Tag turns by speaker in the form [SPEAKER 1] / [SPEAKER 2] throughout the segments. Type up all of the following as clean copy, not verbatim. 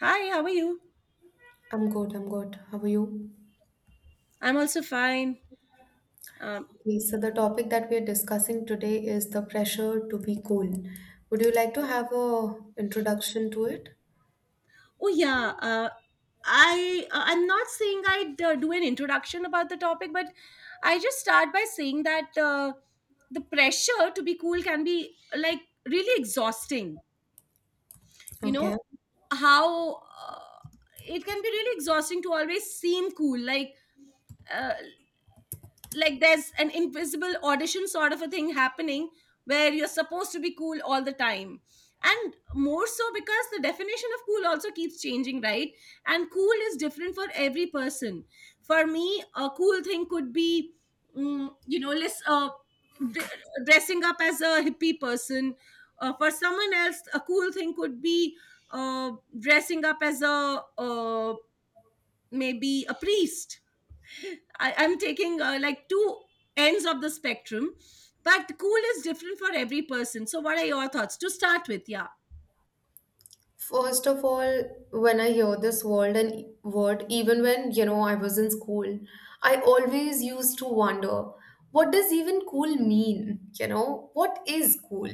[SPEAKER 1] Hi, how are you?
[SPEAKER 2] I'm good, I'm good. How are you?
[SPEAKER 1] I'm also fine. Um,
[SPEAKER 2] Okay, so the topic that we're discussing today is the pressure to be cool. Would you like to have a introduction to it?
[SPEAKER 1] oh yeah, I'm not saying I'd do an introduction about the topic, but I just start by saying that the pressure to be cool can be like really exhausting. You know
[SPEAKER 2] Okay.
[SPEAKER 1] how it can be really exhausting to always seem cool. Like. Uh, like there's an invisible audition sort of a thing happening, where you're supposed to be cool all the time. And more so because the definition of cool also keeps changing, right? And cool is different for every person. For me, a cool thing could be, less d- dressing up as a hippie person. For someone else a cool thing could be uh, dressing up as a maybe a priest. I'm taking like two ends of the spectrum, but cool is different for every person. So, what are your thoughts to start with? Yeah.
[SPEAKER 2] First of all, when I hear this word, even when, you know, I was in school, I always used to wonder, what does even cool mean? You know, what is cool?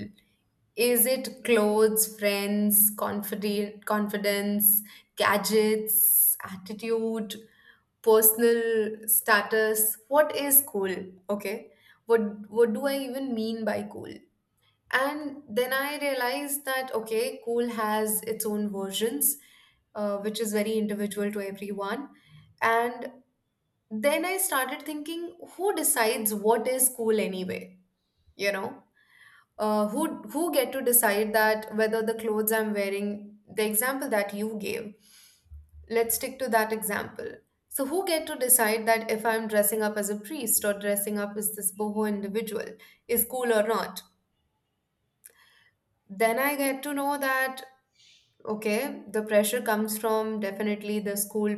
[SPEAKER 2] Is it clothes, friends, confident confidence, gadgets, attitude, personal status. What is cool? Okay, what what do I even mean by cool? And then I realized that okay, cool has its own versions, which is very individual to everyone. And then I started thinking, who decides what is cool anyway? You know, uh, who who get to decide that whether the clothes I'm wearing, the example that you gave. Let's stick to that example. So, who get to decide that if I'm dressing up as a priest or dressing up as this boho individual is cool or not? Then I get to know that, okay, the pressure comes from definitely the school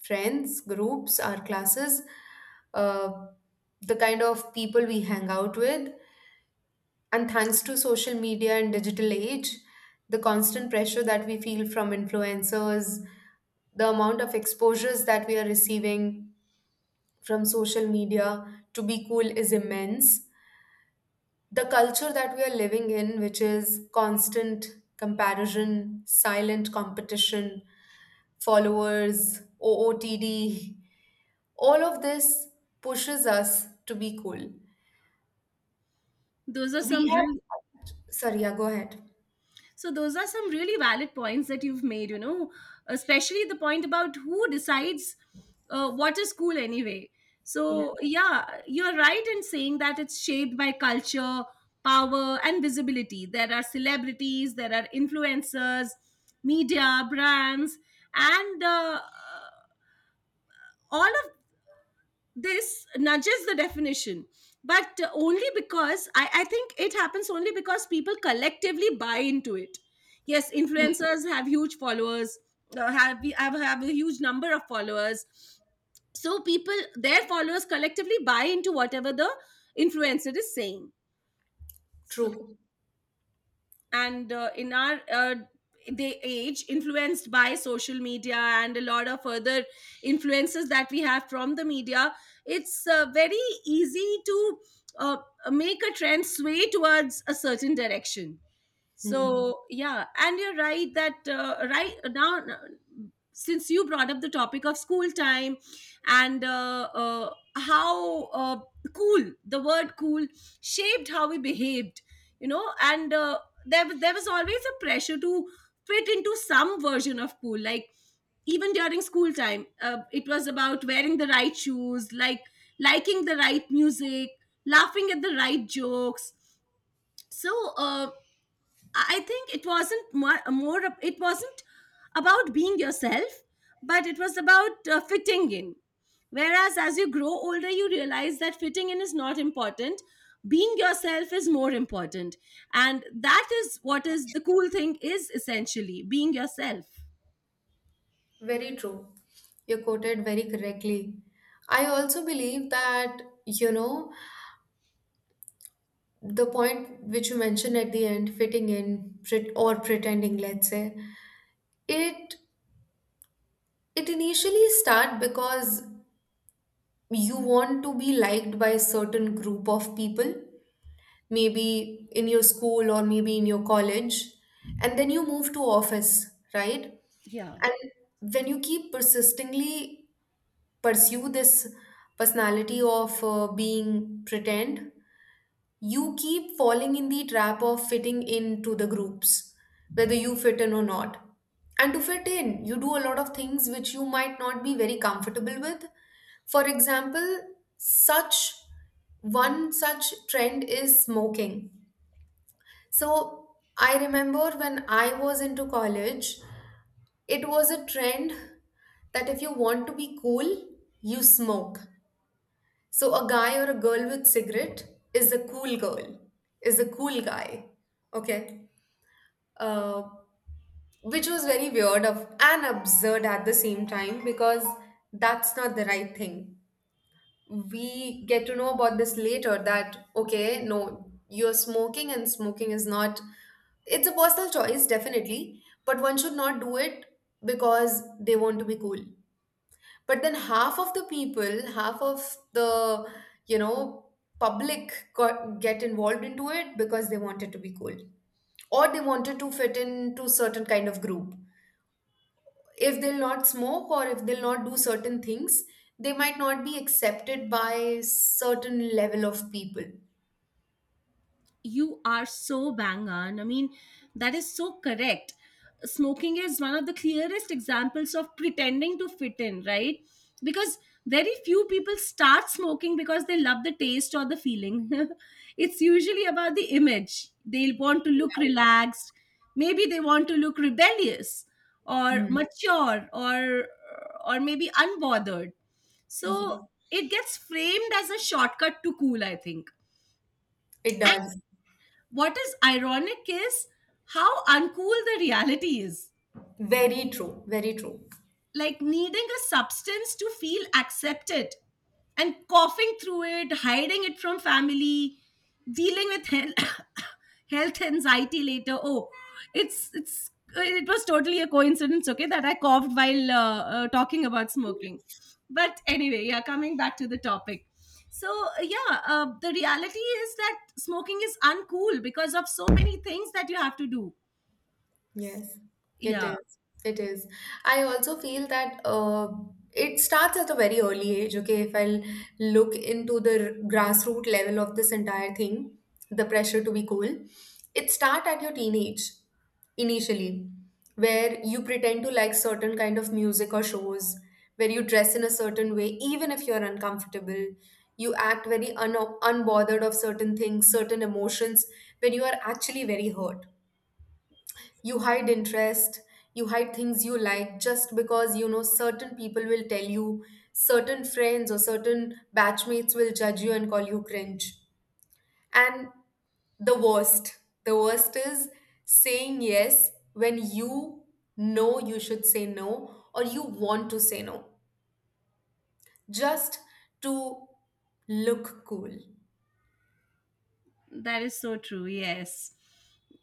[SPEAKER 2] friends, groups, our classes, uh, the kind of people we hang out with. And thanks to social media and digital age, the constant pressure that we feel from influencers, the amount of exposures that we are receiving from social media to be cool is immense. The culture that we are living in, which is constant comparison, silent competition, followers, OOTD, all of this pushes us to be cool.
[SPEAKER 1] those are
[SPEAKER 2] We
[SPEAKER 1] some
[SPEAKER 2] have,
[SPEAKER 1] real.
[SPEAKER 2] sorry, yeah, go ahead.
[SPEAKER 1] So, those are some really valid points that you've made. You know, especially the point about who decides what is cool anyway.
[SPEAKER 2] Yeah.
[SPEAKER 1] So, yeah, you're right in saying that it's shaped by culture, power, and visibility. There are celebrities, there are influencers, media, brands, and all of this nudges the definition. But only because I think it happens only because people collectively buy into it. Yes, influencers have huge followers, have a huge number of followers. So people, their followers, collectively buy into whatever the influencer is saying.
[SPEAKER 2] True.
[SPEAKER 1] And in our day age influenced by social media and a lot of other influences that we have from the media, it's very easy to uh, make a trend sway towards a certain direction.
[SPEAKER 2] Hmm.
[SPEAKER 1] So yeah, and you're right that right now, since you brought up the topic of school time and how cool the word cool shaped how we behaved, and there was always a pressure to fit into some version of cool. Like, even during school time, it was about wearing the right shoes, like liking the right music, laughing at the right jokes. So. Uh, I think it wasn't it wasn't about being yourself, but it was about fitting in. Whereas as you grow older, you realize that fitting in is not important. Being yourself is more important. And that is what is the cool thing is essentially being yourself.
[SPEAKER 2] Very true. You quoted very correctly. I also believe that, you know, the point which you mentioned at the end fitting in pret- or pretending, let's say it, it initially start because you want to be liked by a certain group of people, maybe in your school or maybe in your college, and then you move to office, right?
[SPEAKER 1] Yeah,
[SPEAKER 2] And when you keep persistently pursue this personality of being pretend, you keep falling in the trap of fitting into the groups, whether you fit in or not. And to fit in, you do a lot of things which you might not be very comfortable with. For example, such one such trend is smoking. So I remember when I was into college, it was a trend that if you want to be cool, you smoke. So a guy or a girl with cigarette is a cool girl, is a cool guy. Okay. Uh, which was very weird of and absurd at the same time because that's not the right thing. We get to know about this later that okay, no, you're smoking and smoking is not, it's a personal choice, definitely, but one should not do it because they want to be cool. But then half of the people, half of the, you know, public got, get involved into it because they wanted to be cool or they wanted to fit into certain kind of group. If they'll not smoke or if they'll not do certain things, they might not be accepted by certain level of people.
[SPEAKER 1] you are so bang on. I mean, that is so correct. Smoking is one of the clearest examples of pretending to fit in, right? Because very few people start smoking because they love the taste or the feeling. It's usually about the image. They want to look relaxed. Maybe they want to look rebellious or
[SPEAKER 2] Hmm.
[SPEAKER 1] mature, or maybe unbothered.
[SPEAKER 2] Ye-
[SPEAKER 1] So it gets framed as a shortcut to cool, I think.
[SPEAKER 2] It does.
[SPEAKER 1] What is ironic is how uncool the reality is,
[SPEAKER 2] Very true. Very true.
[SPEAKER 1] like needing a substance to feel accepted, and coughing through it, hiding it from family, dealing with health, health anxiety later. Oh, it's it's it was totally a coincidence, okay, that I coughed while talking about smoking. But anyway, yeah, coming back to the topic. So, yeah, the reality is that smoking is uncool because of so many things that you have to do.
[SPEAKER 2] Yes, it
[SPEAKER 1] Yeah.
[SPEAKER 2] is. It is. I also feel that it starts at a very early age. Okay, if I'll look into the grassroots level of this entire thing, the pressure to be cool, it starts at your teenage initially, where you pretend to like certain kind of music or shows, where you dress in a certain way, even if you're uncomfortable. You act very un unbothered of certain things, certain emotions, when you are actually very hurt. You hide interest, you hide things you like just because you know certain people will tell you, certain friends or certain batchmates will judge you and call you cringe. And the worst, the worst is saying yes when you know you should say no or you want to say no just to look cool.
[SPEAKER 1] That is so true. Yes.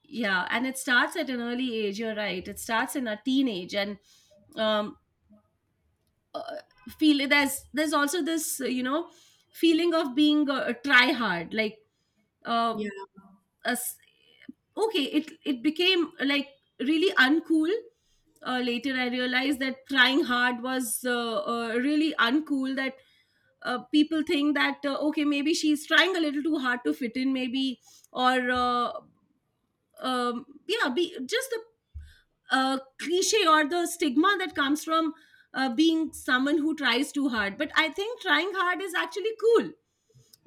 [SPEAKER 1] Yeah. And it starts at an early age. You're right. It starts in a teenage and um, uh, feel there's also this, feeling of being a try hard, like, uh,
[SPEAKER 2] Yeah.
[SPEAKER 1] us okay. It became like really uncool. Later I realized that trying hard was really uncool, that people think that okay, maybe she's trying a little too hard to fit in maybe, or yeah, just the cliche or the stigma that comes from being someone who tries too hard. But I think trying hard is actually cool,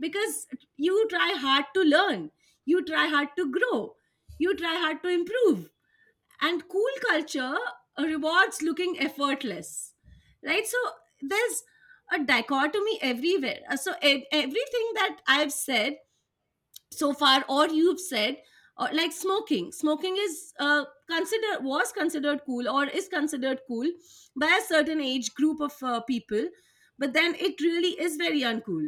[SPEAKER 1] because you try hard to learn, you try hard to grow, you try hard to improve. And cool culture rewards looking effortless, right? So there's a dichotomy everywhere. So everything that I've said so far or you've said, or like smoking is considered was considered cool or is considered cool by a certain age group of people. But then it really is very uncool.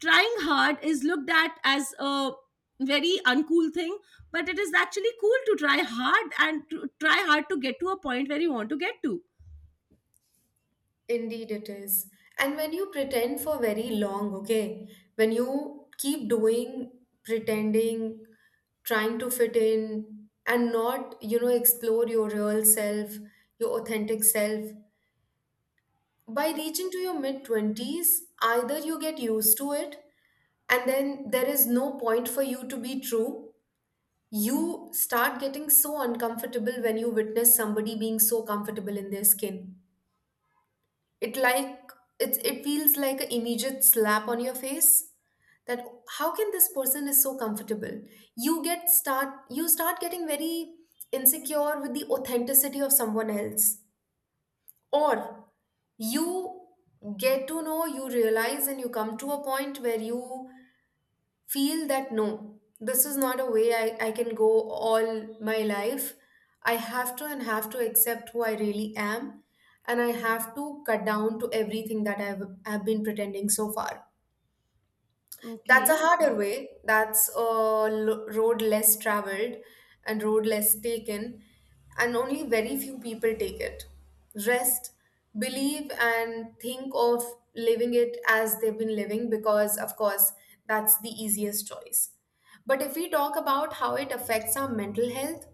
[SPEAKER 1] Trying hard is looked at as a very uncool thing, but it is actually cool to try hard and to try hard to get to a point where you want to get to.
[SPEAKER 2] Indeed, it is. And when you pretend for very long, okay, when you keep doing pretending, trying to fit in, and not, you know, explore your real self, your authentic self, by reaching to your mid 20s, either you get used to it and then there is no point for you to be true. You start getting so uncomfortable when you witness somebody being so comfortable in their skin. It like, it's, it feels like an immediate slap on your face that how can this person is so comfortable. You get start you start getting very insecure with the authenticity of someone else. Or you get to know you realize and you come to a point where you feel that no, this is not a way I can go all my life. I have to, and have to accept who I really am, and I have to cut down to everything that I've been pretending so far. That's a
[SPEAKER 1] Okay.
[SPEAKER 2] harder way. That's a lo- road less traveled and road less taken, and only very few people take it. Rest, believe, and think of living it as they've been living because, of course, that's the easiest choice. But if we talk about how it affects our mental health,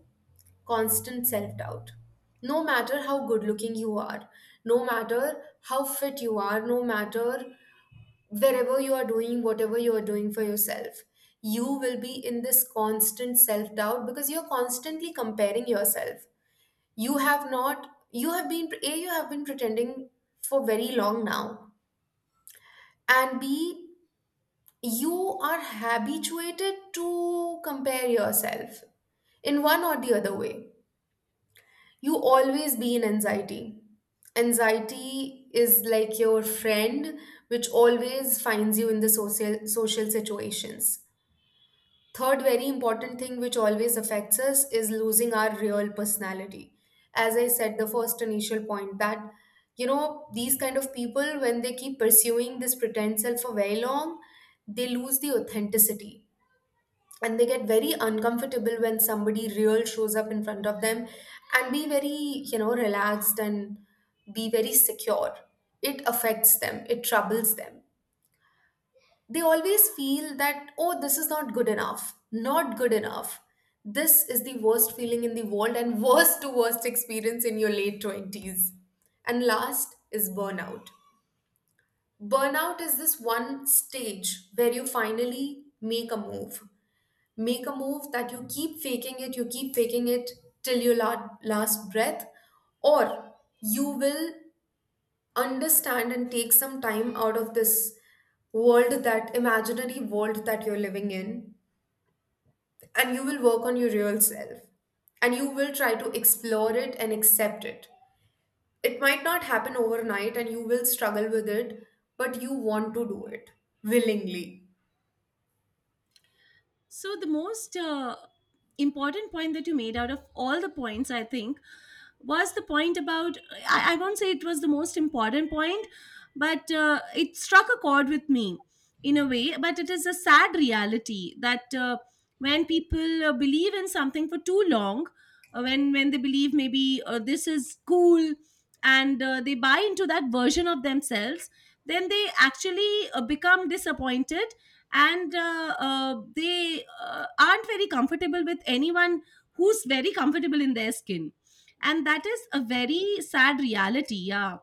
[SPEAKER 2] constant self doubt. No matter how good looking you are, no matter how fit you are, no matter wherever you are doing whatever you are doing for yourself, you will be in this constant self doubt because you're constantly comparing yourself. You have not you have been a, you have been pretending for very long now, and b, you are habituated to compare yourself in one or the other way. You always be in anxiety. Anxiety is like your friend, which always finds you in the social situations. Third, very important thing which always affects us is losing our real personality. As I said, the first initial point that, you know, these kind of people, when they keep pursuing this pretend self for very long, they lose the authenticity and they get very uncomfortable when somebody real shows up in front of them and be very, you know, relaxed and be very secure. It affects them, it troubles them. They always feel that oh, this is not good enough, not good enough. This is the worst feeling in the world and worst to worst experience in your late 20s. And last is burnout. Burnout is this one stage where you finally make a move. Make a move that you keep faking it, you keep faking it till your la- last breath. Or you will understand and take some time out of this world, that imaginary world that you're living in, and you will work on your real self and you will try to explore it and accept it. It might not happen overnight and you will struggle with it, but you want to do it willingly.
[SPEAKER 1] So the most important point that you made out of all the points, I think, was the point about... I won't say it was the most important point, but it struck a chord with me in a way. But it is a sad reality that when people believe in something for too long, when they believe maybe this is cool, and they buy into that version of themselves, then they actually become disappointed, and they aren't very comfortable with anyone who's very comfortable in their skin. And that is a very sad reality. Yeah.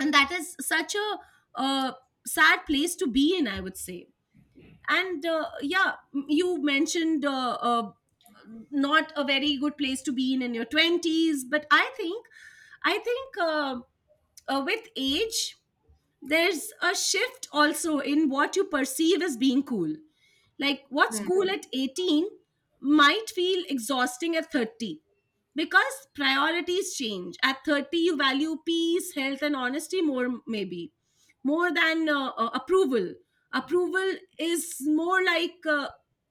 [SPEAKER 1] And that is such a uh, sad place to be in, I would say. And yeah, you mentioned not a very good place to be in your 20s, but I think with age there's a shift also in what you perceive as being cool. Like what's
[SPEAKER 2] Hmm.
[SPEAKER 1] cool at 18 might feel exhausting at 30 because priorities change. At 30, you value peace, health, and honesty more, maybe more than approval. Approval is more like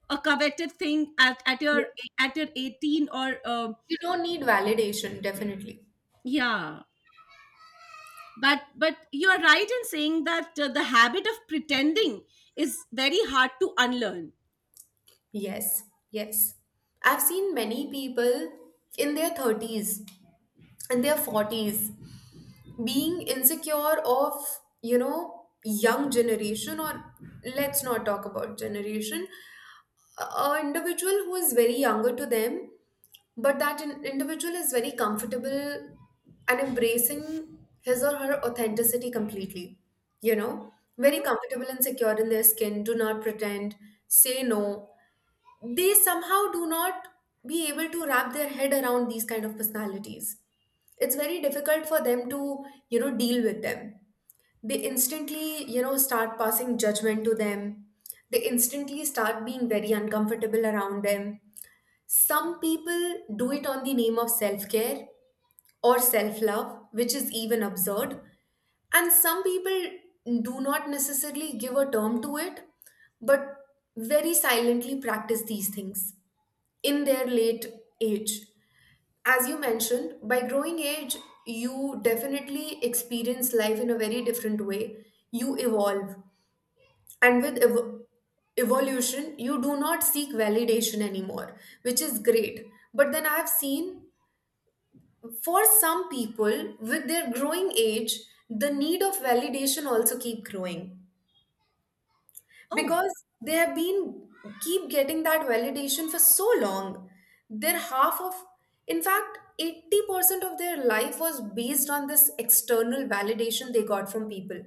[SPEAKER 1] a coveted thing at, at your 18 or
[SPEAKER 2] You don't need validation, definitely.
[SPEAKER 1] yeah. But you are right in saying that the habit of pretending is very hard to unlearn.
[SPEAKER 2] Yes, yes. I've seen many people in their 30s, in their 40s, being insecure of, you know, young generation. Or let's not talk about generation, a individual who is very younger to them, but that in- individual is very comfortable and embracing his or her authenticity completely, you know.
[SPEAKER 1] Hmm.
[SPEAKER 2] Very comfortable and secure in their skin, do not pretend, say no. They somehow do not be able to wrap their head around these kind of personalities. It's very difficult for them to, you know, deal with them. They instantly, you know, start passing judgment to them. They instantly start being very uncomfortable around them. Some people do it on the name of self-care or self-love, which is even absurd. And some people do not necessarily give a term to it, but very silently practice these things in their late age. As you mentioned, by growing age, you definitely experience life in a very different way. You evolve, and with evolution, you do not seek validation anymore, which is great. But then I've seen for some people with their growing age, the need of validation also keep growing
[SPEAKER 1] Oh,
[SPEAKER 2] because they have been keep getting that validation for so long. Their half of, in fact 80% of their life was based on this external validation they got from people.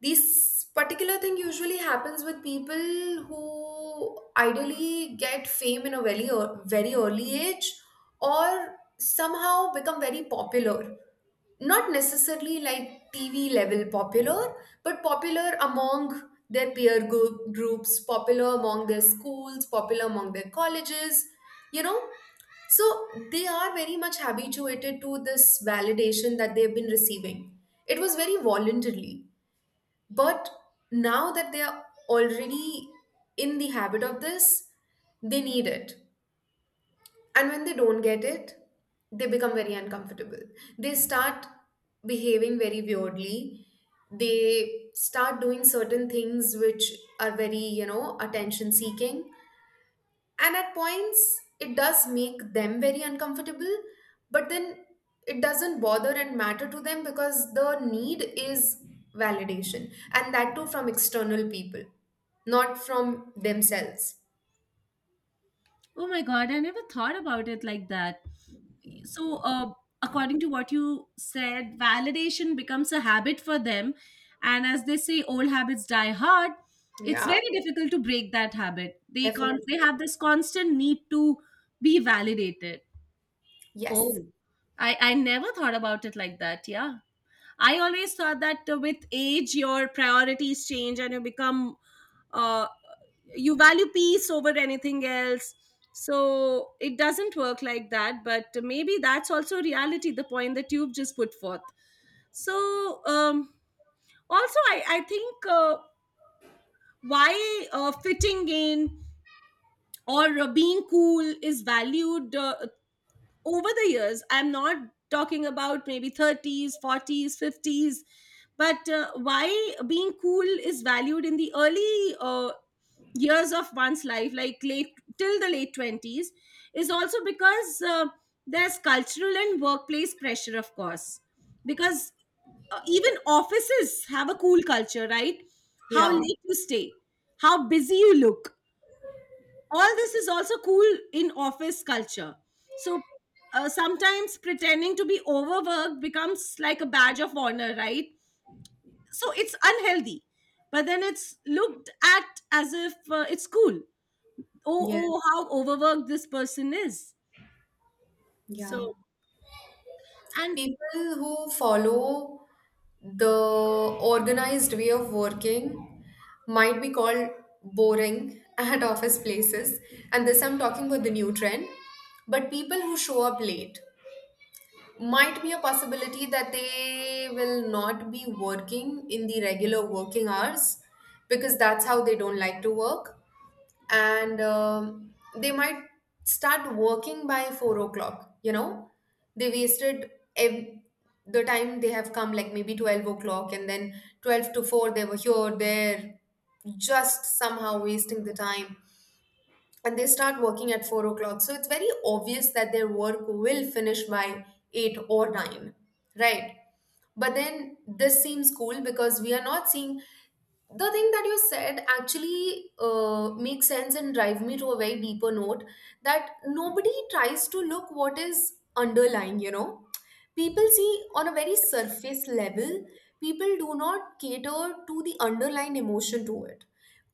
[SPEAKER 2] This particular thing usually happens with people who ideally get fame in a very ear- very early age, or somehow become very popular. Not necessarily like TV level popular, but popular among their peer groups, popular among their schools, popular among their colleges, you know. So they are very much habituated to this validation that they've been receiving. It was very voluntarily. But now that they are already in the habit of this, they need it. And when they don't get it, they become very uncomfortable. They start behaving very weirdly. They start doing certain things which are very, attention seeking, and at points it does make them very uncomfortable, but then it doesn't bother and matter to them because the need is validation, and that too from external people, not from themselves.
[SPEAKER 1] oh my god, I never thought about it like that. So according to what you said, validation becomes a habit for them. And as they say, old habits die hard. It's
[SPEAKER 2] Yeah,
[SPEAKER 1] very difficult to break that habit. They can't
[SPEAKER 2] definitely.
[SPEAKER 1] They have this constant need to be validated.
[SPEAKER 2] Yes.
[SPEAKER 1] Oh, I never thought about it like that. Yeah. I always thought that with age, your priorities change and uh, you value peace over anything else. So it doesn't work like that. But maybe that's also reality, the point that you've just put forth. So, also, I think why fitting in or being cool is valued over the years, I'm not talking about maybe 30s, 40s, 50s, but why being cool is valued in the early years of one's life, like late till the late 20s, is also because there's cultural and workplace pressure, of course, because even offices have a cool culture, right? How
[SPEAKER 2] Yeah,
[SPEAKER 1] late you stay, how busy you look, all this is also cool in office culture. So sometimes pretending to be overworked becomes like a badge of honor, right? So it's unhealthy, but then it's looked at as if it's cool. Oh,
[SPEAKER 2] yeah,
[SPEAKER 1] how overworked this person is.
[SPEAKER 2] yeah.
[SPEAKER 1] So and...
[SPEAKER 2] People who follow the organized way of working might be called boring at office places, and this I'm talking about the new trend. But people who show up late, might be a possibility that they will not be working in the regular working hours because that's how they don't like to work. And they might start working by 4 o'clock, they wasted the time. They have come like maybe 12 o'clock, and then 12 to 4 they were here there, just somehow wasting the time, and they start working at 4 o'clock. So it's very obvious that their work will finish by eight or nine, right? But then this seems cool because we are not seeing the thing that you said. Actually, makes sense and drive me to a very deeper note, that nobody tries to look what is underlying, People see on a very surface level, people do not cater to the underlying emotion to it,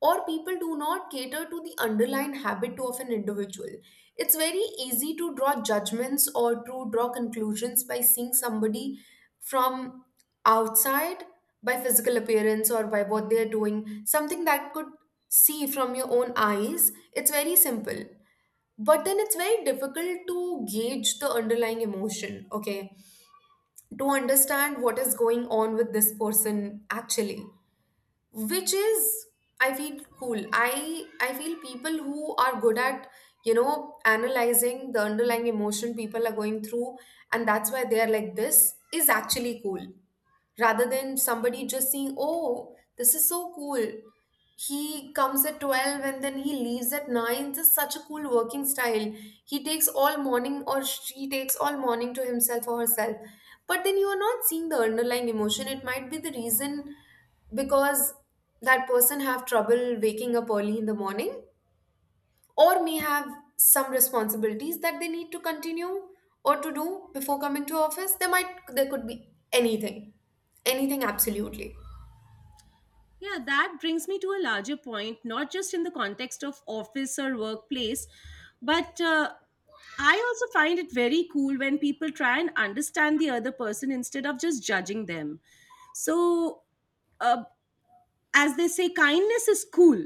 [SPEAKER 2] or people do not cater to the underlying habit of an individual. It's very easy to draw judgments or to draw conclusions by seeing somebody from outside, by physical appearance or by what they're doing, something that could see from your own eyes. It's very simple. But then it's very difficult to gauge the underlying emotion, okay? To understand what is going on with this person actually, which is, I feel cool. I feel people who are good at, analyzing the underlying emotion people are going through, and that's why they are like, this is actually cool, rather than somebody just seeing, oh, this is so cool. He comes at 12 and then he leaves at 9. This is such a cool working style. He takes all morning, or she takes all morning, to himself or herself. But then you are not seeing the underlying emotion. It might be the reason because that person have trouble waking up early in the morning, or may have some responsibilities that they need to continue or to do before coming to office. There might, there could be anything, anything absolutely.
[SPEAKER 1] Yeah, that brings me to a larger point, not just in the context of office or workplace, but I also find it very cool when people try and understand the other person instead of just judging them. So, uh, as they say, kindness is cool.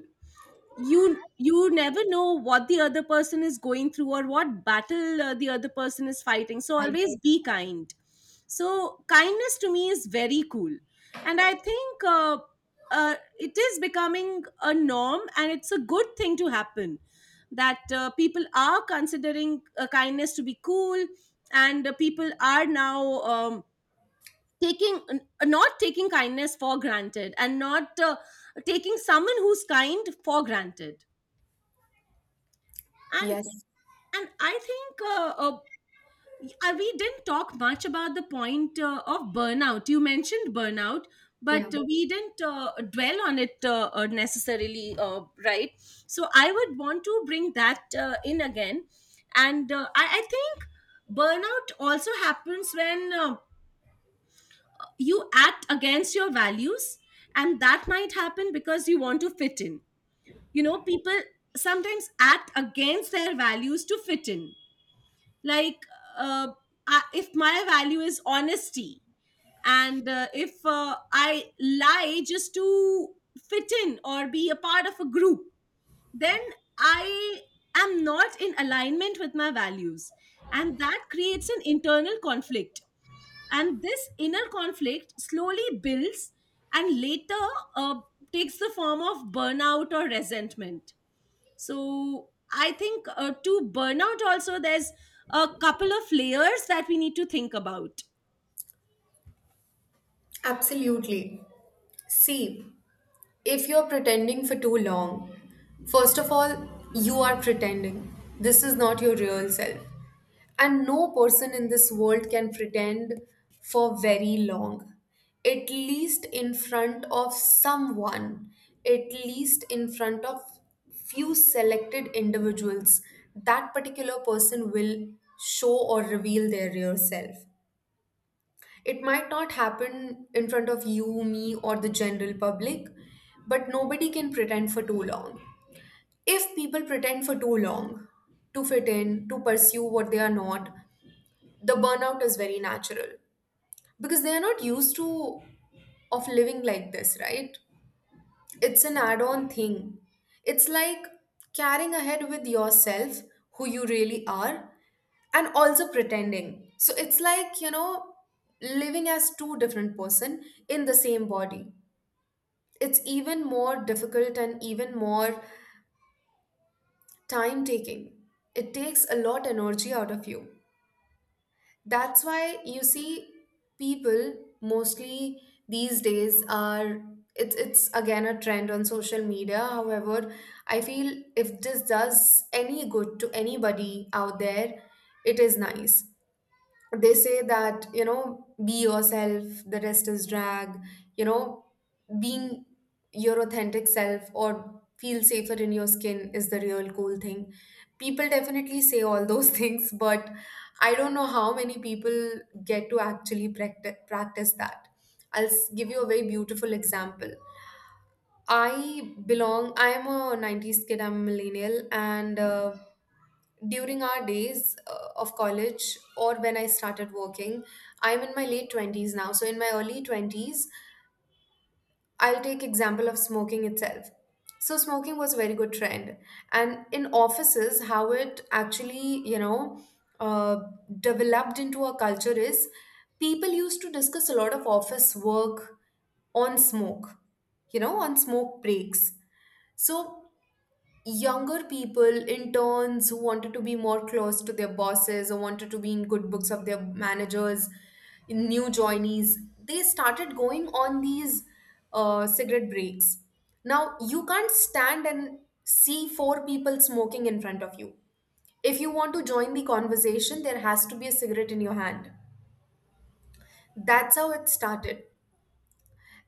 [SPEAKER 1] You never know what the other person is going through or what battle the other person is fighting, so
[SPEAKER 2] Right.
[SPEAKER 1] always be kind. So kindness to me is very cool. And I think it is becoming a norm and it's a good thing to happen, that people are considering kindness to be cool. And people are now taking not taking kindness for granted and not taking someone who's kind for granted. And
[SPEAKER 2] Yes.
[SPEAKER 1] I think we didn't talk much about the point of burnout. You mentioned burnout,
[SPEAKER 2] Yeah,
[SPEAKER 1] but we didn't dwell on it necessarily, right? So I would want to bring that in again. And I think burnout also happens when you act against your values, and that might happen because you want to fit in. You know, people sometimes act against their values to fit in. Like uh, if my value is honesty, and if I lie just to fit in or be a part of a group, then I am not in alignment with my values, and that creates an internal conflict. And this inner conflict slowly builds and later uh, takes the form of burnout or resentment. So I think to burnout also there's a couple of layers that we need to think about.
[SPEAKER 2] absolutely. See, if you're pretending for too long, first of all, you are pretending. This is not your real self. And no person in this world can pretend for very long. At least in front of someone, at least in front of few selected individuals, that particular person will show or reveal their real self. It might not happen in front of you, me, or the general public, but nobody can pretend for too long. If people pretend for too long to fit in, to pursue what they are not, the burnout is very natural because they are not used to of living like this, right? It's an add on thing. It's like carrying ahead with yourself, who you really are, and also pretending. So it's like, living as two different person in the same body. It's even more difficult and even more time taking. It takes a lot energy out of you. That's why you see people mostly these days are, it's again a trend on social media. However, I feel if this does any good to anybody out there, it is nice. They say that, be yourself, the rest is drag, you know being your authentic self or feel safer in your skin is the real cool thing. People definitely say all those things, but I don't know how many people get to actually practice that. Give you a very beautiful example. I am a 90s kid, I'm a millennial, and during our days of college, or when I started working, I'm in my late 20s now. So in my early 20s, I'll take example of smoking itself. So smoking was a very good trend. And in offices, how it actually, uh, developed into a culture is, people used to discuss a lot of office work on smoke, you know, on smoke breaks. So younger people, interns, who wanted to be more close to their bosses or wanted to be in good books of their managers, new joinees, they started going on these cigarette breaks. Now you can't stand and see 4 people smoking in front of you. If you want to join the conversation, there has to be a cigarette in your hand. That's how it started.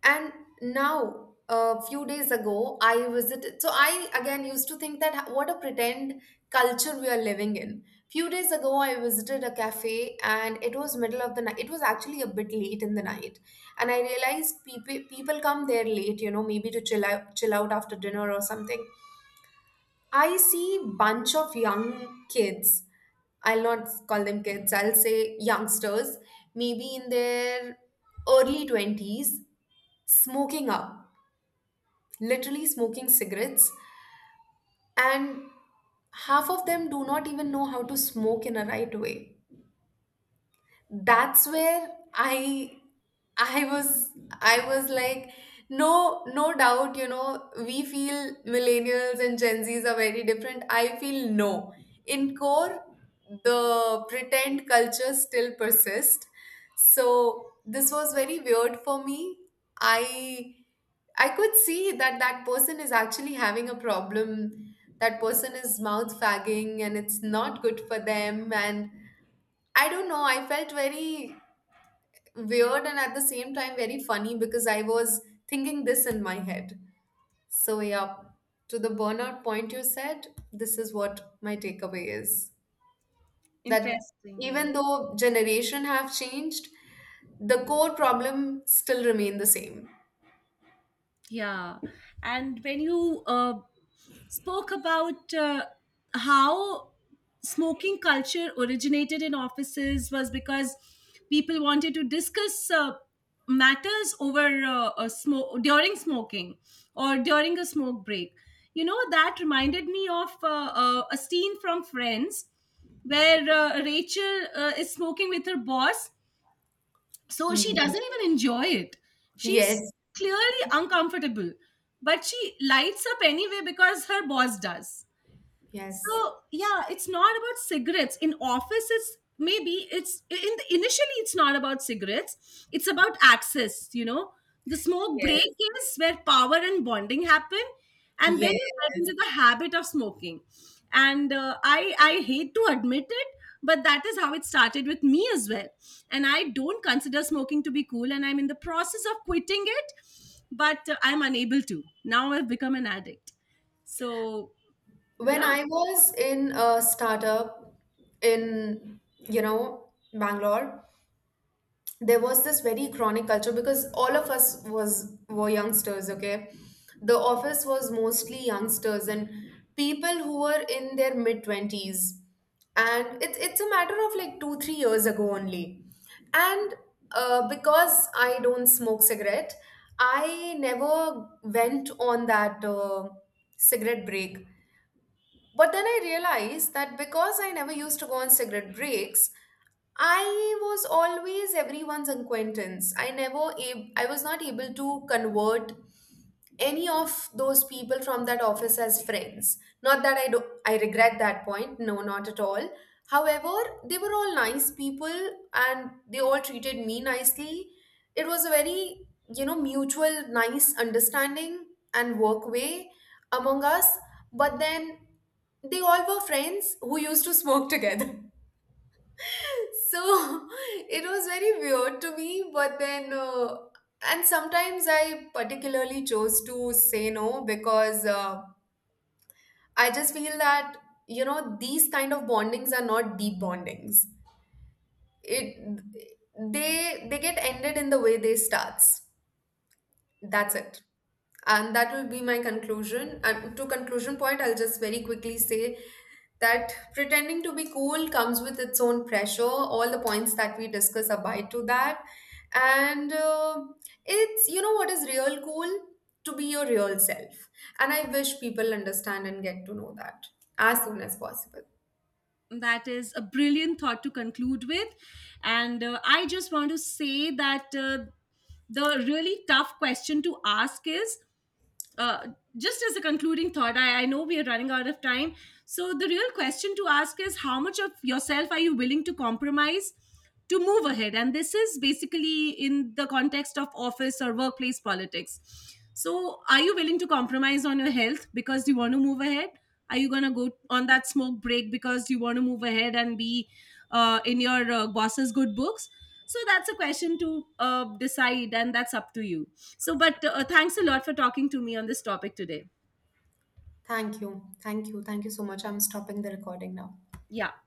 [SPEAKER 2] And now a few days ago I visited, so I again used to think that, what a pretend culture we are living in. Few days ago I visited a cafe, and it was middle of the night, it was actually a bit late in the night, and I realized people, come there late, you know, maybe to chill out, after dinner or something. I see bunch of young kids, I'll not call them kids, I'll say youngsters, maybe in their early 20s, smoking up, literally smoking cigarettes, and half of them do not even know how to smoke in a right way. That's where i was I was like, no, no doubt, you know, we feel millennials and gen z's are very different. I feel no, in core, the pretend culture still persists. So this was very weird for me. i I could see that that person is actually having a problem. That person is mouth fagging and it's not good for them. And I don't know. I felt very weird, and at the same time very funny, because I was thinking this in my head. So, yeah, to the burnout point you said, this is what my takeaway is. That
[SPEAKER 1] Interesting. Yeah.
[SPEAKER 2] even though generation have changed, the core problem still remain the same.
[SPEAKER 1] Yeah, and when you spoke about how smoking culture originated in offices was because people wanted to discuss matters over a smoke during smoking or during a smoke break. You know, that reminded me of a scene from Friends where Rachel is smoking with her boss. So she
[SPEAKER 2] Hmm.
[SPEAKER 1] doesn't even enjoy it,
[SPEAKER 2] Yes,
[SPEAKER 1] she's clearly uncomfortable, but she lights up anyway because her boss does.
[SPEAKER 2] yes,
[SPEAKER 1] So yeah, it's not about cigarettes. In offices, maybe it's initially it's not about cigarettes. It's about access. You know, the smoke break is where power and bonding happen, and then you
[SPEAKER 2] yes.
[SPEAKER 1] get into the habit of smoking. And I hate to admit it, but that is how it started with me as well. And I don't consider smoking to be cool, and I'm in the process of quitting it, but I'm unable to. Now I've become an addict. So
[SPEAKER 2] When
[SPEAKER 1] yeah.
[SPEAKER 2] I was in a startup in, you know, Bangalore, there was this very chronic culture, because all of us was were youngsters, okay? The office was mostly youngsters, and people who were in their mid 20s. And it's, a matter of like 2 3 years ago only. And because I don't smoke cigarette, I never went on that cigarette break. But then I realized that because I never used to go on cigarette breaks, I was always everyone's acquaintance. I never I was not able to convert any of those people from that office as friends. Not that I do I regret that point, no, not at all. However, they were all nice people, and they all treated me nicely. It was a very, you know, mutual nice understanding and work way among us. But then they all were friends who used to smoke together. So it was very weird to me, but then, and sometimes I particularly chose to say no, because I just feel that, you know, these kind of bondings are not deep bondings. It they get ended in the way they starts. That's it. And that will be my conclusion. And to conclusion point, I'll just very quickly say that pretending to be cool comes with its own pressure. All the points that we discuss abide to that. And it's, you know, what is real cool? To be your real self. And I wish people understand and get to know that as soon as possible.
[SPEAKER 1] That is a brilliant thought to conclude with. And I just want to say that the really tough question to ask is uh, just as a concluding thought, I know we are running out of time. So, the real question to ask is how much of yourself are you willing to compromise to move ahead? And this is basically in the context of office or workplace politics. So, are you willing to compromise on your health because you want to move ahead? Are you going to go on that smoke break because you want to move ahead and be in your boss's good books? So that's a question to decide, and that's up to you. So but thanks a lot for talking to me on this topic today.
[SPEAKER 2] Thank you. Thank you so much. I'm stopping the recording now.
[SPEAKER 1] Yeah.